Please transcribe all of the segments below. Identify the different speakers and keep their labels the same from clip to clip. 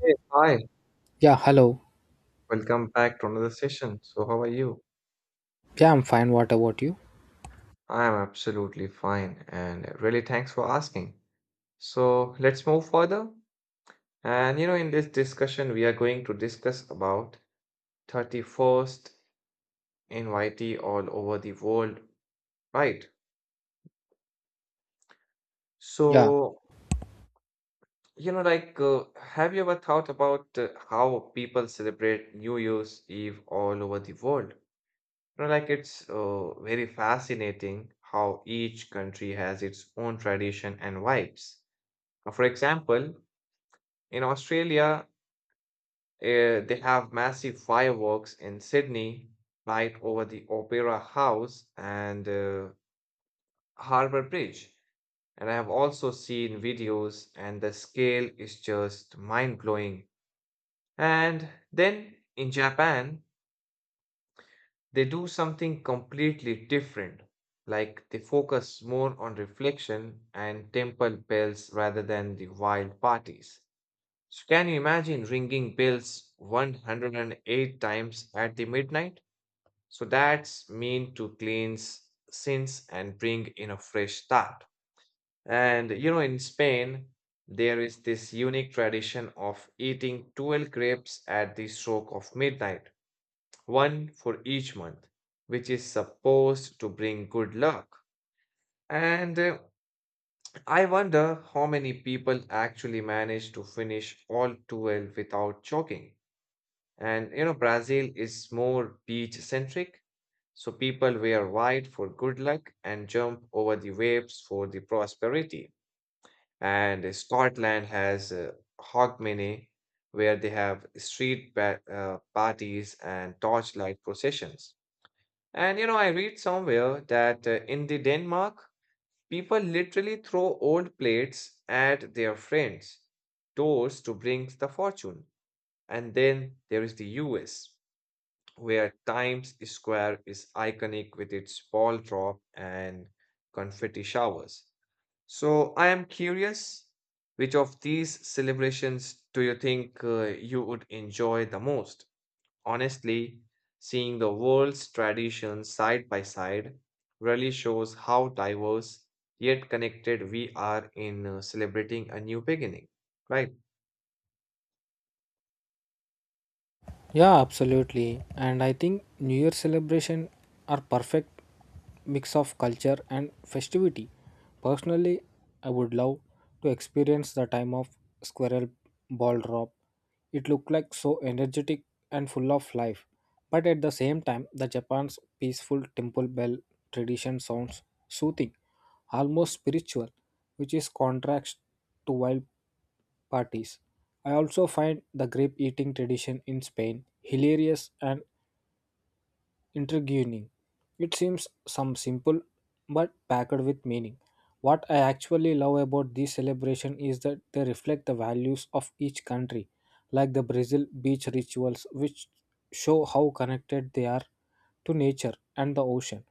Speaker 1: Hey, hi,
Speaker 2: Yeah, hello.
Speaker 1: welcome back to another session. So, how are you?
Speaker 2: Yeah, I'm fine. What about you?
Speaker 1: I am absolutely fine and really thanks for asking. So, let's move further. And you know, in this discussion, we are going to discuss about 31st invitee all over the world, right?
Speaker 2: Yeah.
Speaker 1: So, you know, like, have you ever thought about how people celebrate New Year's Eve all over the world? You know, like it's very fascinating how each country has its own tradition and vibes. For example, in Australia, they have massive fireworks in Sydney, light over the Opera House and Harbour Bridge. And I have also seen videos, and the scale is just mind blowing. And then in Japan, they do something completely different. Like they focus more on reflection and temple bells rather than the wild parties. So, can you imagine ringing bells 108 times at the midnight? So, that's mean to cleanse sins and bring in a fresh start. And you know, in Spain, there is this unique tradition of eating 12 grapes at the stroke of midnight one for each month, which is supposed to bring good luck. And I wonder how many people actually manage to finish all 12 without choking. And you know, Brazil is more beach centric, so people wear white for good luck and jump over the waves for the prosperity. And Scotland has Hogmanay, where they have street parties and torchlight processions. And you know, I read somewhere that in the Denmark, people literally throw old plates at their friends, doors to bring the fortune. And then there is the US, where Times Square is iconic with its ball drop and confetti showers. So I am curious, which of these celebrations do you think you would enjoy the most? Honestly, seeing the world's traditions side by side really shows how diverse yet connected we are in celebrating a new beginning, right?
Speaker 2: Yeah, absolutely. And I think New Year celebration are perfect mix of culture and festivity. Personally, I would love to experience the time of squirrel ball drop. It looked like so energetic and full of life. But at the same time, the Japan's peaceful temple bell tradition sounds soothing, almost spiritual, which is contrast to wild parties. I also find the grape eating tradition in Spain hilarious and intriguing. It seems some simple but packed with meaning. What I actually love about this celebration is that they reflect the values of each country, like the Brazil beach rituals, which show how connected they are to nature and the ocean.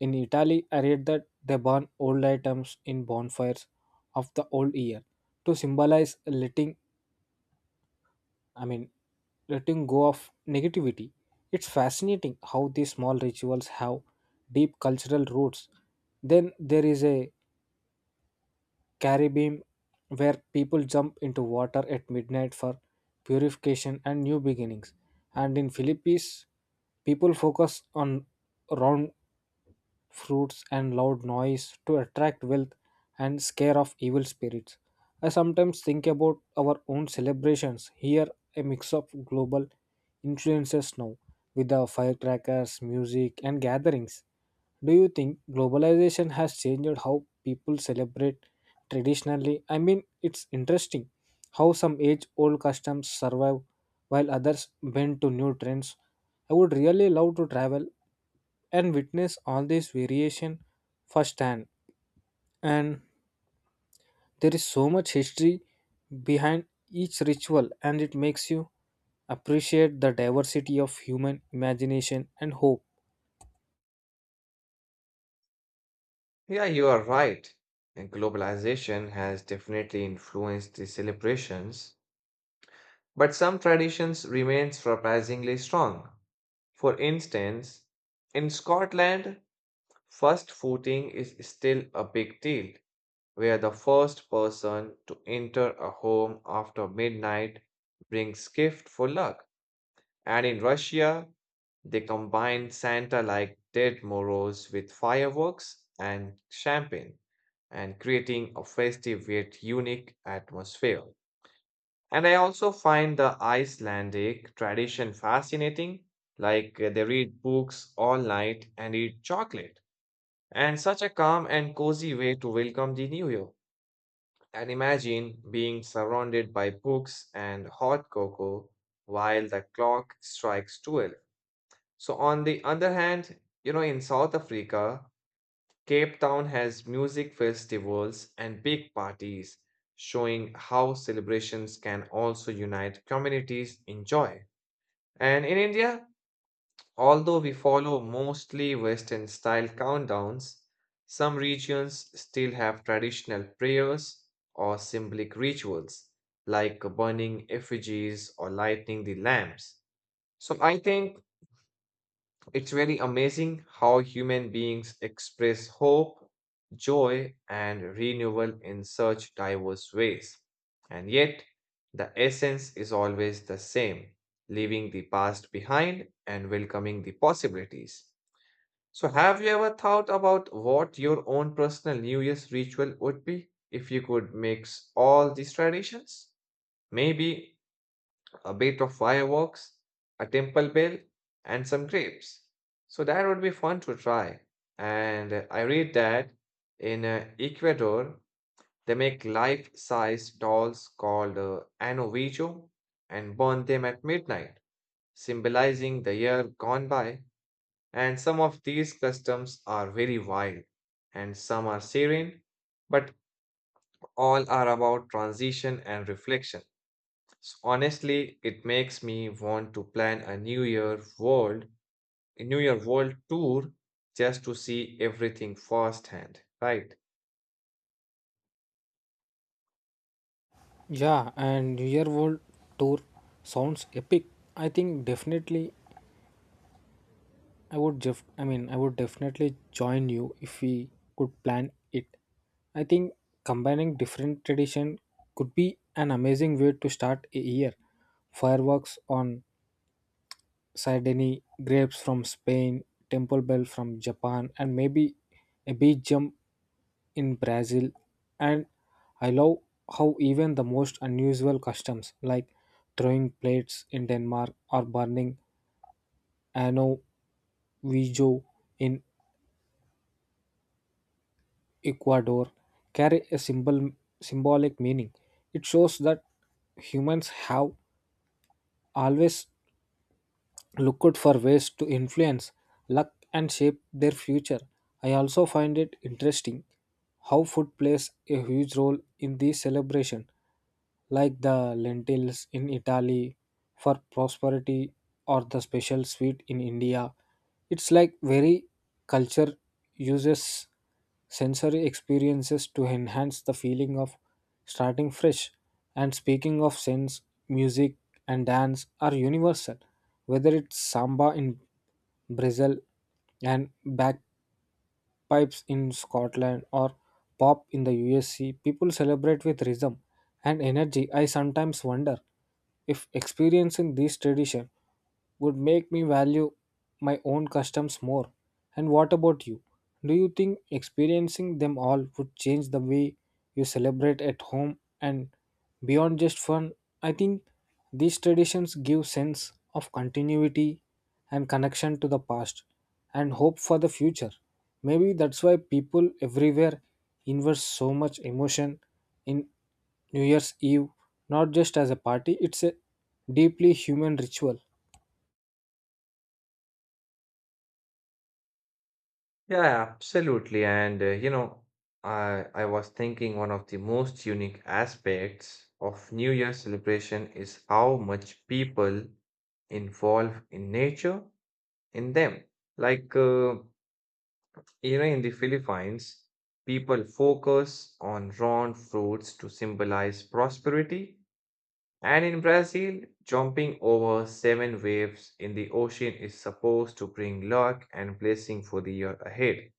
Speaker 2: In Italy, I read that they burn old items in bonfires of the old year to symbolize I mean, letting go of negativity. It's fascinating how these small rituals have deep cultural roots. Then there is a Caribbean where people jump into water at midnight for purification and new beginnings. And in Philippines, people focus on round fruits and loud noise to attract wealth and scare off evil spirits. I sometimes think about our own celebrations here, a mix of global influences now with the firecrackers, music, and gatherings. Do you think globalization has changed how people celebrate traditionally? I mean, it's interesting how some age old customs survive while others bend to new trends. I would really love to travel and witness all this variation firsthand. And there is so much history behind each ritual, and it makes you appreciate the diversity of human imagination and hope.
Speaker 1: Yeah, you are right. And globalization has definitely influenced the celebrations, but some traditions remain surprisingly strong. For instance, in Scotland, first footing is still a big deal where the first person to enter a home after midnight brings gift for luck. And in Russia, they combine Santa like dead Moros with fireworks and champagne and creating a festive yet unique atmosphere. And I also find the Icelandic tradition fascinating, like they read books all night and eat chocolate, and such a calm and cozy way to welcome the new year. And imagine being surrounded by books and hot cocoa while the clock strikes 12. So, on the other hand, you know, in South Africa, Cape Town has music festivals and big parties, showing how celebrations can also unite communities in joy. And in India, although we follow mostly Western style countdowns, some regions still have traditional prayers or symbolic rituals, like burning effigies or lighting the lamps. So I think it's very amazing how human beings express hope, joy, and renewal in such diverse ways. And yet, the essence is always the same leaving the past behind and welcoming the possibilities. So, have you ever thought about what your own personal New Year's ritual would be if you could mix all these traditions? Maybe a bit of fireworks, a temple bell, and some grapes. So, that would be fun to try. And I read that in Ecuador, they make life size dolls called Ano Vigio and burn them at midnight, symbolizing the year gone by. And some of these customs are very wild, and some are serene, but all are about transition and reflection. So honestly, it makes me want to plan a New Year world tour just to see everything firsthand, right?
Speaker 2: Yeah, and New Year World Tour sounds epic. I think definitely I would definitely join you if we could plan it. I think combining different tradition could be an amazing way to start a year. Fireworks on Sardini grapes from Spain, Temple Bell from Japan, and maybe a beach jump in Brazil. And I love how even the most unusual customs like throwing plates in Denmark or burning ano vijo in Ecuador carry a symbolic meaning. It shows that humans have always looked for ways to influence luck and shape their future. I also find it interesting how food plays a huge role in the celebration, like the lentils in Italy for prosperity or the special sweet in India. It's like very culture uses sensory experiences to enhance the feeling of starting fresh. And speaking of sense, music and dance are universal, whether it's samba in Brazil and back pipes in Scotland or pop in the USC, people celebrate with rhythm and energy. I sometimes wonder if experiencing this tradition would make me value my own customs more. And what about you? Do you think experiencing them all would change the way you celebrate at home? And beyond just fun, I think these traditions give sense of continuity and connection to the past and hope for the future. Maybe that's why people everywhere invest so much emotion in New Year's Eve, not just as a party, it's a deeply human ritual.
Speaker 1: Yeah, absolutely. And you know, I was thinking one of the most unique aspects of New Year celebration is how much people involve in nature in them. Like, you know, in the Philippines, people focus on round fruits to symbolize prosperity. And in Brazil, jumping over 7 waves in the ocean is supposed to bring luck and blessing for the year ahead.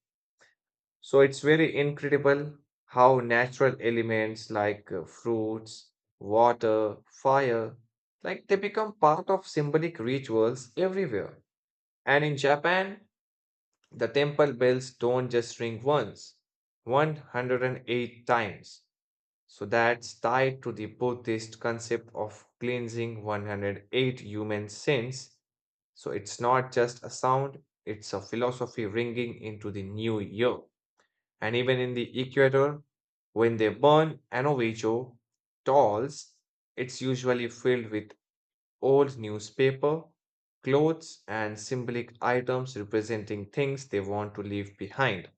Speaker 1: So it's very incredible how natural elements like fruits, water, fire, like they become part of symbolic rituals everywhere. And in Japan, the temple bells don't just ring once, 108 times. So that's tied to the Buddhist concept of cleansing 108 human sins. So it's not just a sound, it's a philosophy ringing into the new year. And even in the Equator, when they burn an Ovicho dolls, it's usually filled with old newspaper, clothes, and symbolic items representing things they want to leave behind.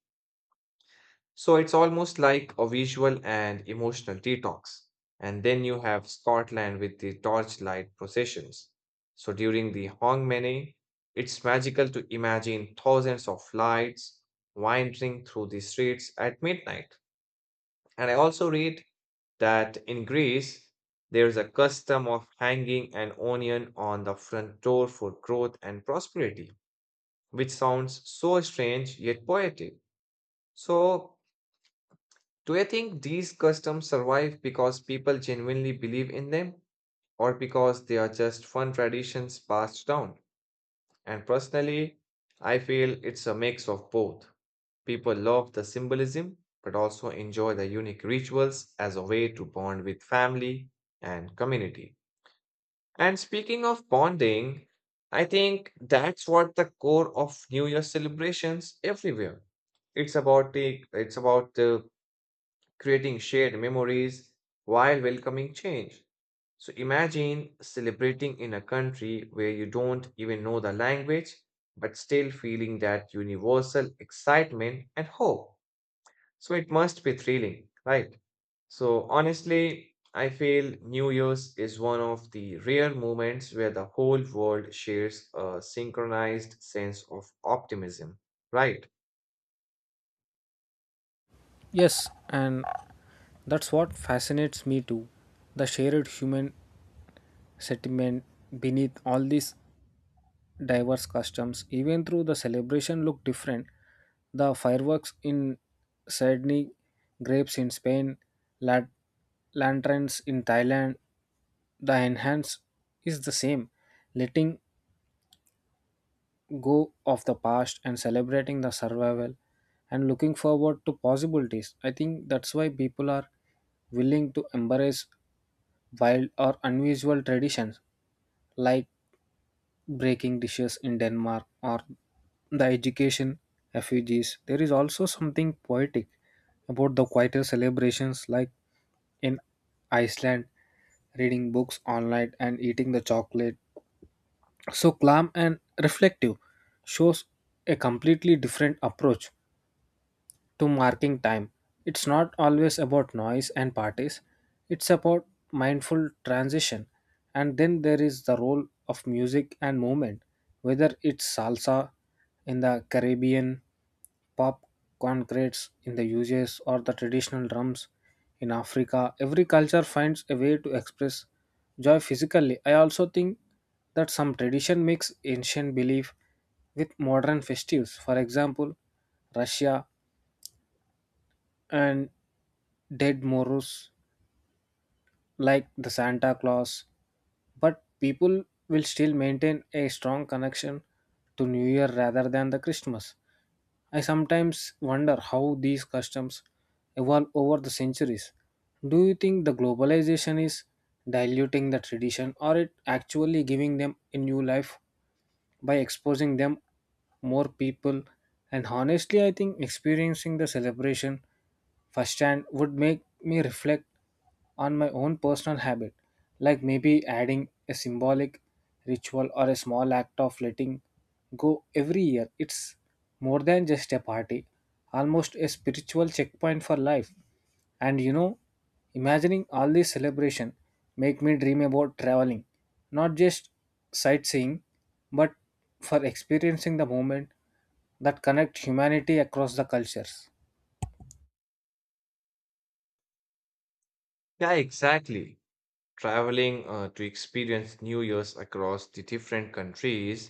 Speaker 1: So it's almost like a visual and emotional detox. And then you have Scotland with the torchlight processions. So during the Hogmanay, it's magical to imagine thousands of lights wandering through the streets at midnight. And I also read that in Greece, there's a custom of hanging an onion on the front door for growth and prosperity, which sounds so strange yet poetic. So, do you think these customs survive because people genuinely believe in them or because they are just fun traditions passed down? And personally, I feel it's a mix of both. People love the symbolism, but also enjoy the unique rituals as a way to bond with family and community. And speaking of bonding, I think that's what the core of New Year celebrations everywhere. It's about creating shared memories while welcoming change. So imagine celebrating in a country where you don't even know the language, but still feeling that universal excitement and hope. So it must be thrilling, right? So honestly, I feel New Year's is one of the rare moments where the whole world shares a synchronized sense of optimism, right?
Speaker 2: Yes, and that's what fascinates me too. The shared human sentiment beneath all these diverse customs, even though the celebration look different, the fireworks in Sydney, grapes in Spain, la- lanterns in Thailand, the enhance is the same, letting go of the past and celebrating the survival and looking forward to possibilities. I think that's why people are willing to embrace wild or unusual traditions like breaking dishes in Denmark or the education effigies. There is also something poetic about the quieter celebrations like in Iceland, reading books online and eating the chocolate. So calm and reflective shows a completely different approach to marking time. It's not always about noise and parties, it's about mindful transition. And then there is the role of music and movement, whether it's salsa in the Caribbean, pop concretes in the US, or the traditional drums in Africa. Every culture finds a way to express joy physically. I also think that some tradition mix ancient belief with modern festivals. For example, Russia and dead morose like the Santa Claus, but people will still maintain a strong connection to New Year rather than the Christmas. I sometimes wonder how these customs evolve over the centuries. Do you think the globalization is diluting the tradition or it actually giving them a new life by exposing them more people? And honestly, I think experiencing the celebration firsthand would make me reflect on my own personal habit, like maybe adding a symbolic ritual or a small act of letting go every year. It's more than just a party, almost a spiritual checkpoint for life. And you know, imagining all this celebration make me dream about traveling, not just sightseeing, but for experiencing the moment that connect humanity across the cultures.
Speaker 1: Yeah, exactly. Traveling to experience New Year's across the different countries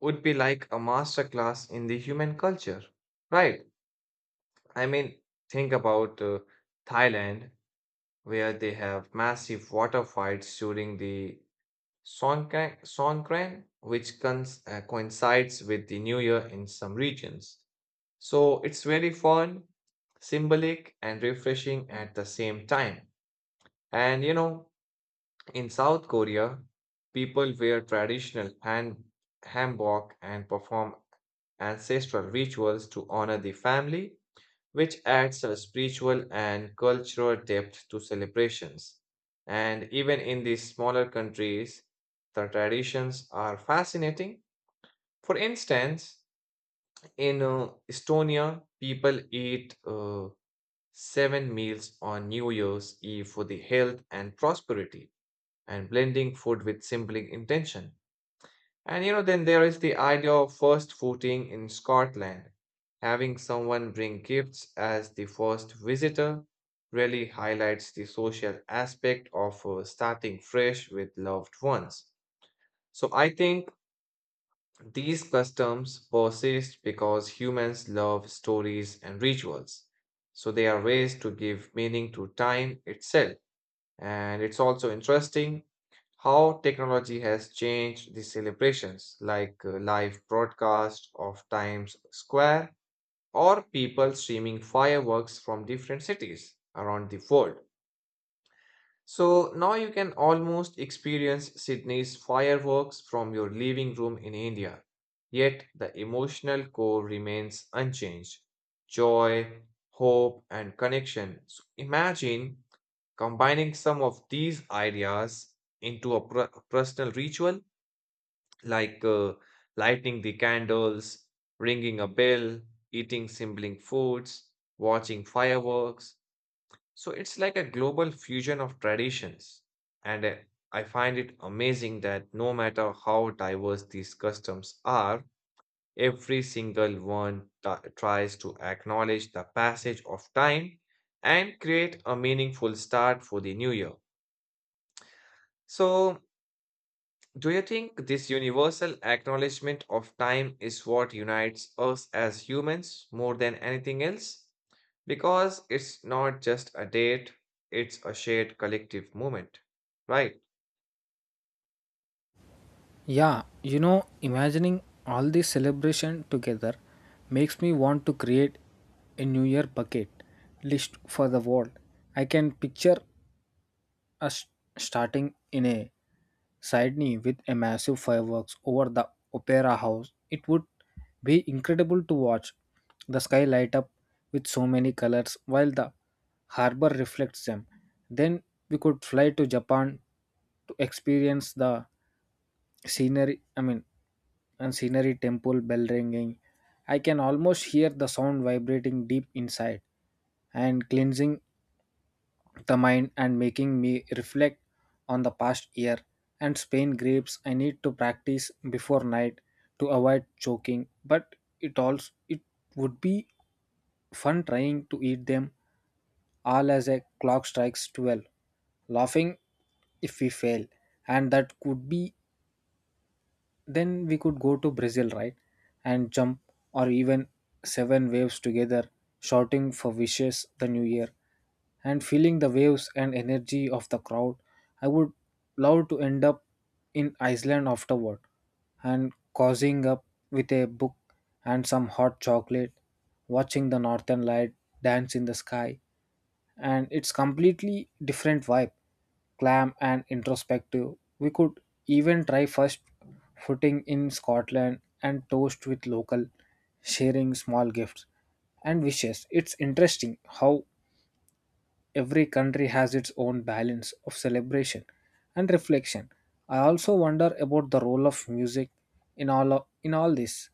Speaker 1: would be like a masterclass in the human culture, right? I mean, think about Thailand, where they have massive water fights during the Songkran which coincides with the New Year in some regions. So it's very fun, symbolic, and refreshing at the same time. And you know, in South Korea, people wear traditional hanbok and perform ancestral rituals to honor the family, which adds a spiritual and cultural depth to celebrations. And even in these smaller countries, the traditions are fascinating. For instance, in Estonia, people eat 7 meals on New Year's Eve for the health and prosperity and blending food with simple intention. And you know, then there is the idea of first footing in Scotland. Having someone bring gifts as the first visitor really highlights the social aspect of starting fresh with loved ones. So I think these customs persist because humans love stories and rituals. So they are ways to give meaning to time itself. And it's also interesting how technology has changed the celebrations, like live broadcast of Times Square or people streaming fireworks from different cities around the world. So now you can almost experience Sydney's fireworks from your living room in India. Yet the emotional core remains unchanged joy, hope, and connection. So imagine combining some of these ideas into a personal ritual like lighting the candles, ringing a bell, eating sibling foods, watching fireworks, so it's like a global fusion of traditions. And I find it amazing that no matter how diverse these customs are, every single one tries to acknowledge the passage of time and create a meaningful start for the new year. So, do you think this universal acknowledgement of time is what unites us as humans more than anything else? Because it's not just a date, it's a shared collective moment, right?
Speaker 2: Yeah, you know, imagining all this celebration together makes me want to create a New Year bucket list for the world. I can picture us starting in a Sydney with a massive fireworks over the opera house. It would be incredible to watch the sky light up with so many colors while the harbor reflects them. Then we could fly to Japan to experience the scenery, I mean, scenery temple bell ringing. I can almost hear the sound vibrating deep inside and cleansing the mind and making me reflect on the past year. And Spain grapes, I need to practice before night to avoid choking, but it would be fun trying to eat them all as a clock strikes 12, laughing if we fail. And that could be, then we could go to Brazil, right? And jump or even seven waves together, shouting for wishes the new year and feeling the waves and energy of the crowd. I would love to end up in Iceland afterward and cozying up with a book and some hot chocolate, watching the northern light dance in the sky. And it's completely different vibe, clam and introspective. We could even try first footing in scotland and toast with local, sharing small gifts and wishes. It's interesting how every country has its own balance of celebration and reflection. I also wonder about the role of music in all this.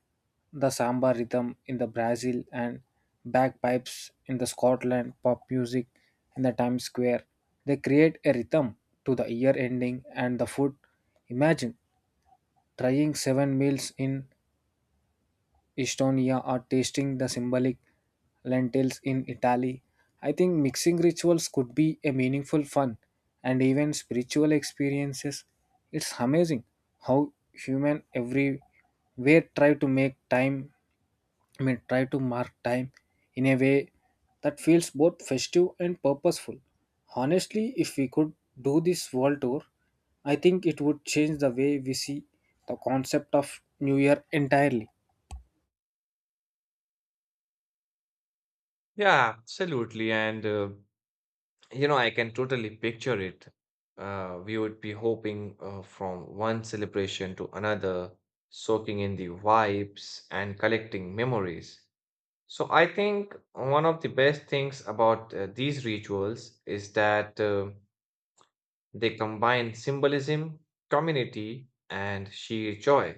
Speaker 2: The samba rhythm in the Brazil and bagpipes in the Scotland, pop music in the Times Square. They create a rhythm to the year ending and the food. Imagine trying seven meals in Estonia or tasting the symbolic lentils in Italy. I think mixing rituals could be a meaningful fun and even spiritual experiences. It's amazing how human everywhere try to mark time in a way that feels both festive and purposeful. Honestly, if we could do this world tour, I think it would change the way we see the concept of New Year entirely.
Speaker 1: Yeah, absolutely. And, you know, I can totally picture it. We would be hoping from one celebration to another, soaking in the vibes and collecting memories. So I think one of the best things about these rituals is that they combine symbolism, community, and sheer joy.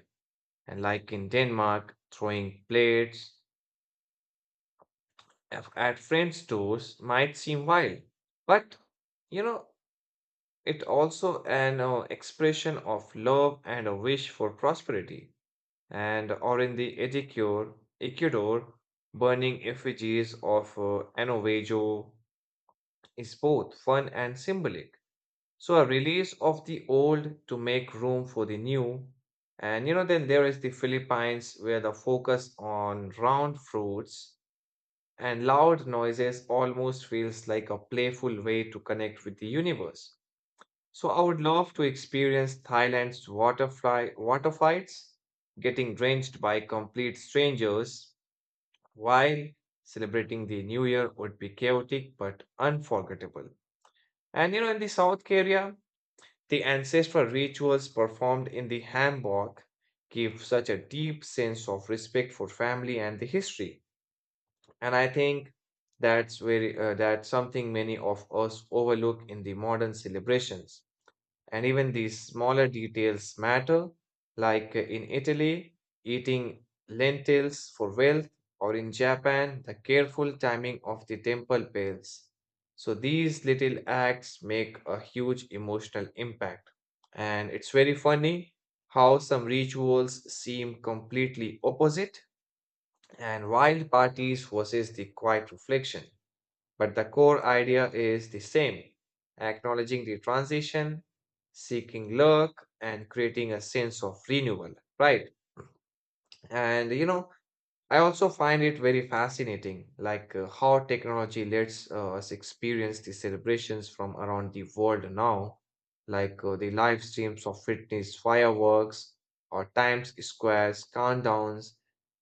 Speaker 1: And like in Denmark, throwing plates at friends' doors might seem wild, but you know, it also an expression of love and a wish for prosperity. And or in the Ecuador, burning effigies of Ano Vejo is both fun and symbolic. So a release of the old to make room for the new. And you know, then there is the Philippines where the focus on round fruits and loud noises almost feels like a playful way to connect with the universe. So I would love to experience Thailand's water fights, getting drenched by complete strangers while celebrating the new year would be chaotic but unforgettable. And you know, in the South Korea, the ancestral rituals performed in the hanbok give such a deep sense of respect for family and the history. And I think that's very that's something many of us overlook in the modern celebrations. And even these smaller details matter, like in Italy, eating lentils for wealth, or in Japan, the careful timing of the temple bells. So these little acts make a huge emotional impact. And it's very funny how some rituals seem completely opposite and wild parties versus the quiet reflection. But the core idea is the same acknowledging the transition, seeking luck, and creating a sense of renewal, right? And you know, I also find it very fascinating, like how technology lets us experience the celebrations from around the world now, like the live streams of fitness fireworks or Times Square's countdowns.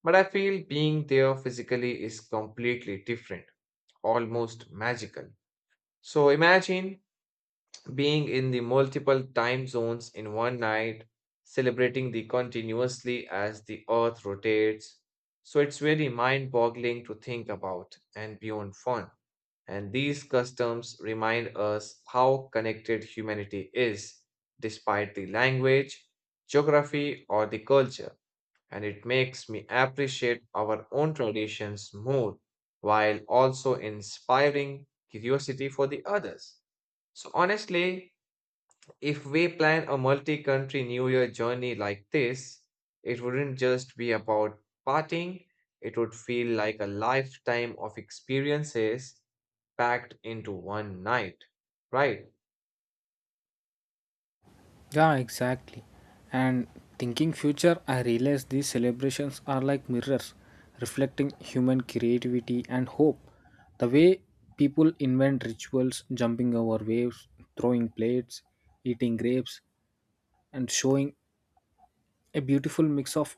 Speaker 1: But I feel being there physically is completely different, almost magical. So imagine being in the multiple time zones in one night, celebrating the continuously as the earth rotates. So it's very mind boggling to think about and beyond fun. And these customs remind us how connected humanity is, despite the language, geography, or the culture. And it makes me appreciate our own traditions more while also inspiring curiosity for the others. So, honestly, if we plan a multi country New Year journey like this, it wouldn't just be about partying, it would feel like a lifetime of experiences packed into one night, right?
Speaker 2: Yeah, exactly. And thinking future, I realize these celebrations are like mirrors reflecting human creativity and hope. The way people invent rituals, jumping over waves, throwing plates, eating grapes, and showing a beautiful mix of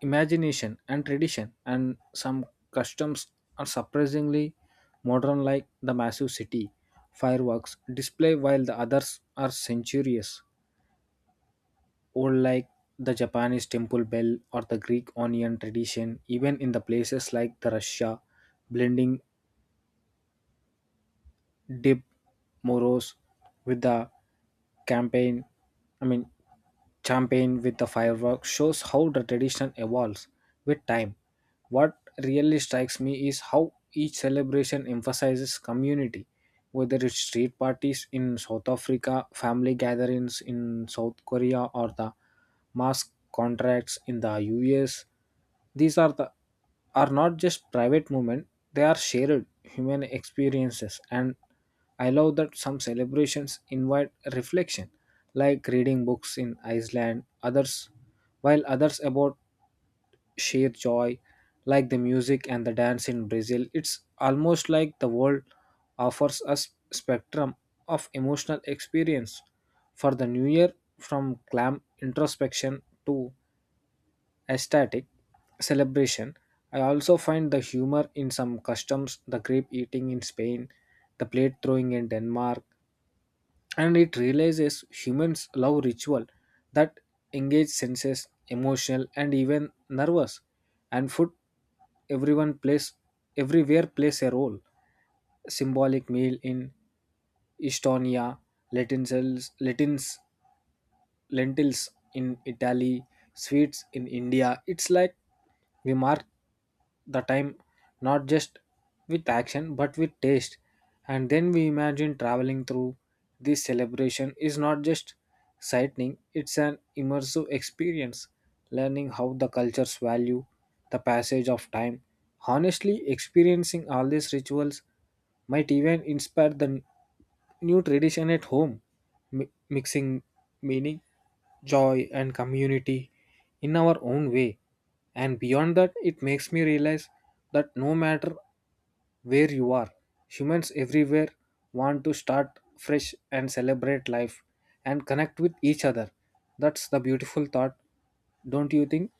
Speaker 2: imagination and tradition. And some customs are surprisingly modern, like the massive city fireworks display, while the others are centurious or like the Japanese temple bell or the Greek onion tradition, even in the places like the Russia, blending Dib Moros with the campaign, I mean, champagne with the fireworks shows how the tradition evolves with time. What really strikes me is how each celebration emphasizes community, whether it's street parties in South Africa, family gatherings in South Korea, or the mass contracts in the US. These are the are not just private movement, they are shared human experiences. And I love that some celebrations invite reflection, like reading books in Iceland, others while others about shared joy, like the music and the dance in Brazil. It's almost like the world offers us spectrum of emotional experience for the new year, from clam introspection to aesthetic celebration. I also find the humor in some customs, the grape eating in Spain, the plate throwing in Denmark, and it realizes humans love ritual that engage senses, emotional, and even nervous. And food, everyone plays, everywhere plays a role, symbolic meal in Estonia, Latin cells, Latins lentils in Italy, sweets in India. It's like we mark the time not just with action but with taste. And then we imagine traveling through this celebration is not just sightseeing, it's an immersive experience, learning how the cultures value the passage of time. Honestly, experiencing all these rituals might even inspire the new tradition at home, mixing meaning, joy, and community in our own way. And beyond that, it makes me realize that no matter where you are, humans everywhere want to start fresh and celebrate life and connect with each other. That's the beautiful thought, don't you think?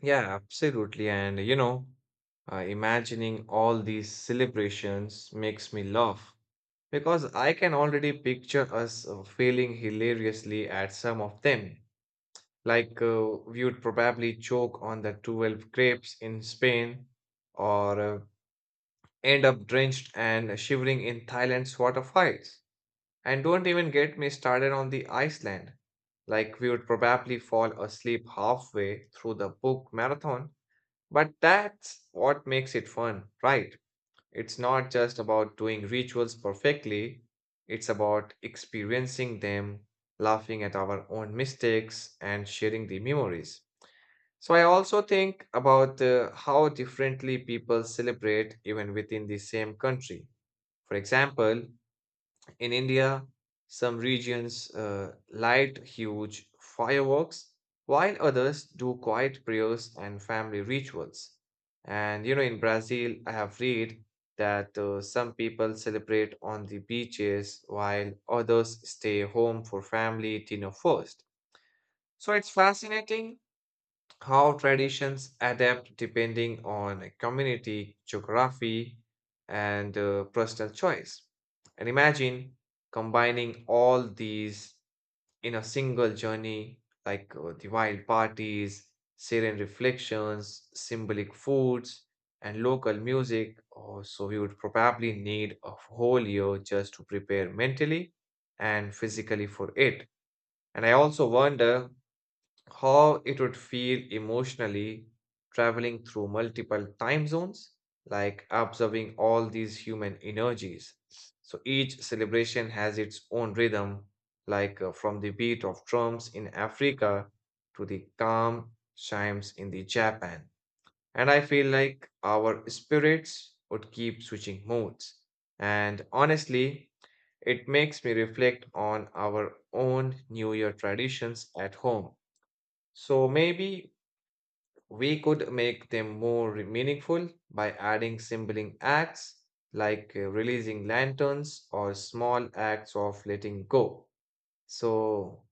Speaker 1: Yeah, absolutely. And you know, imagining all these celebrations makes me laugh because I can already picture us failing hilariously at some of them. Like we would probably choke on the 12 grapes in Spain or end up drenched and shivering in Thailand's waterfalls. And don't even get me started on the Iceland. Like we would probably fall asleep halfway through the book marathon. But that's what makes it fun, right? It's not just about doing rituals perfectly, it's about experiencing them, laughing at our own mistakes, and sharing the memories. So I also think about how differently people celebrate even within the same country. For example, in India, some regions light huge fireworks, while others do quiet prayers and family rituals. And you know, in Brazil, I have read that some people celebrate on the beaches while others stay home for family dinner first. So it's fascinating how traditions adapt depending on community, geography, and personal choice. And imagine combining all these in a single journey, like the wild parties, serene reflections, symbolic foods, and local music. Oh, so we would probably need a whole year just to prepare mentally and physically for it. And I also wonder how it would feel emotionally traveling through multiple time zones, like observing all these human energies. So each celebration has its own rhythm, like from the beat of drums in Africa to the calm chimes in the Japan. And I feel like our spirits would keep switching modes. And honestly, it makes me reflect on our own New Year traditions at home so maybe we could make them more meaningful by adding symbolic acts like releasing lanterns or small acts of letting go. So,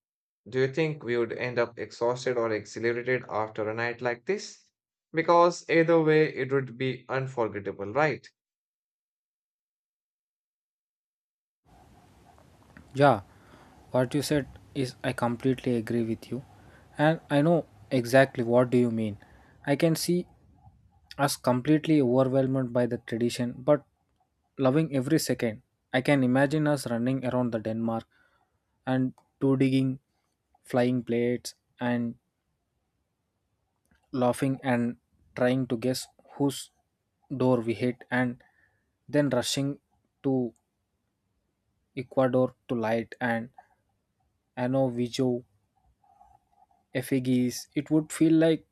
Speaker 1: do you think we would end up exhausted or exhilarated after a night like this? Because either way, it would be unforgettable, right?
Speaker 2: Yeah, what you said is I completely agree with you. And I know exactly what do you mean. I can see as completely overwhelmed by the tradition, but loving every second. I can imagine us running around the Denmark and two digging flying plates and laughing and trying to guess whose door we hit and then rushing to Ecuador to light and Ano Vijo effigies. It would feel like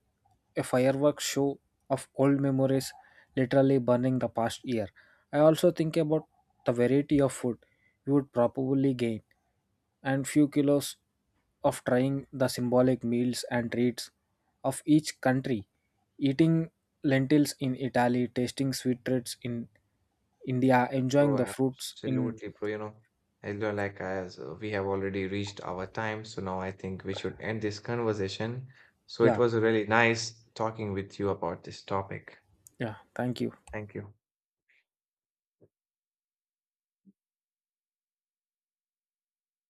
Speaker 2: a fireworks show of old memories literally burning the past year. I also think about the variety of food you would probably gain and few kilos of trying the symbolic meals and treats of each country. Eating lentils in Italy, tasting sweet treats in India, enjoying the
Speaker 1: Bro,
Speaker 2: fruits in
Speaker 1: absolutely, bro. You know, as well, like as we have already reached our time, so now I think we should end this conversation. So it
Speaker 2: yeah,
Speaker 1: was really nice talking with you about this topic.
Speaker 2: yeah, thank you.
Speaker 1: Thank you.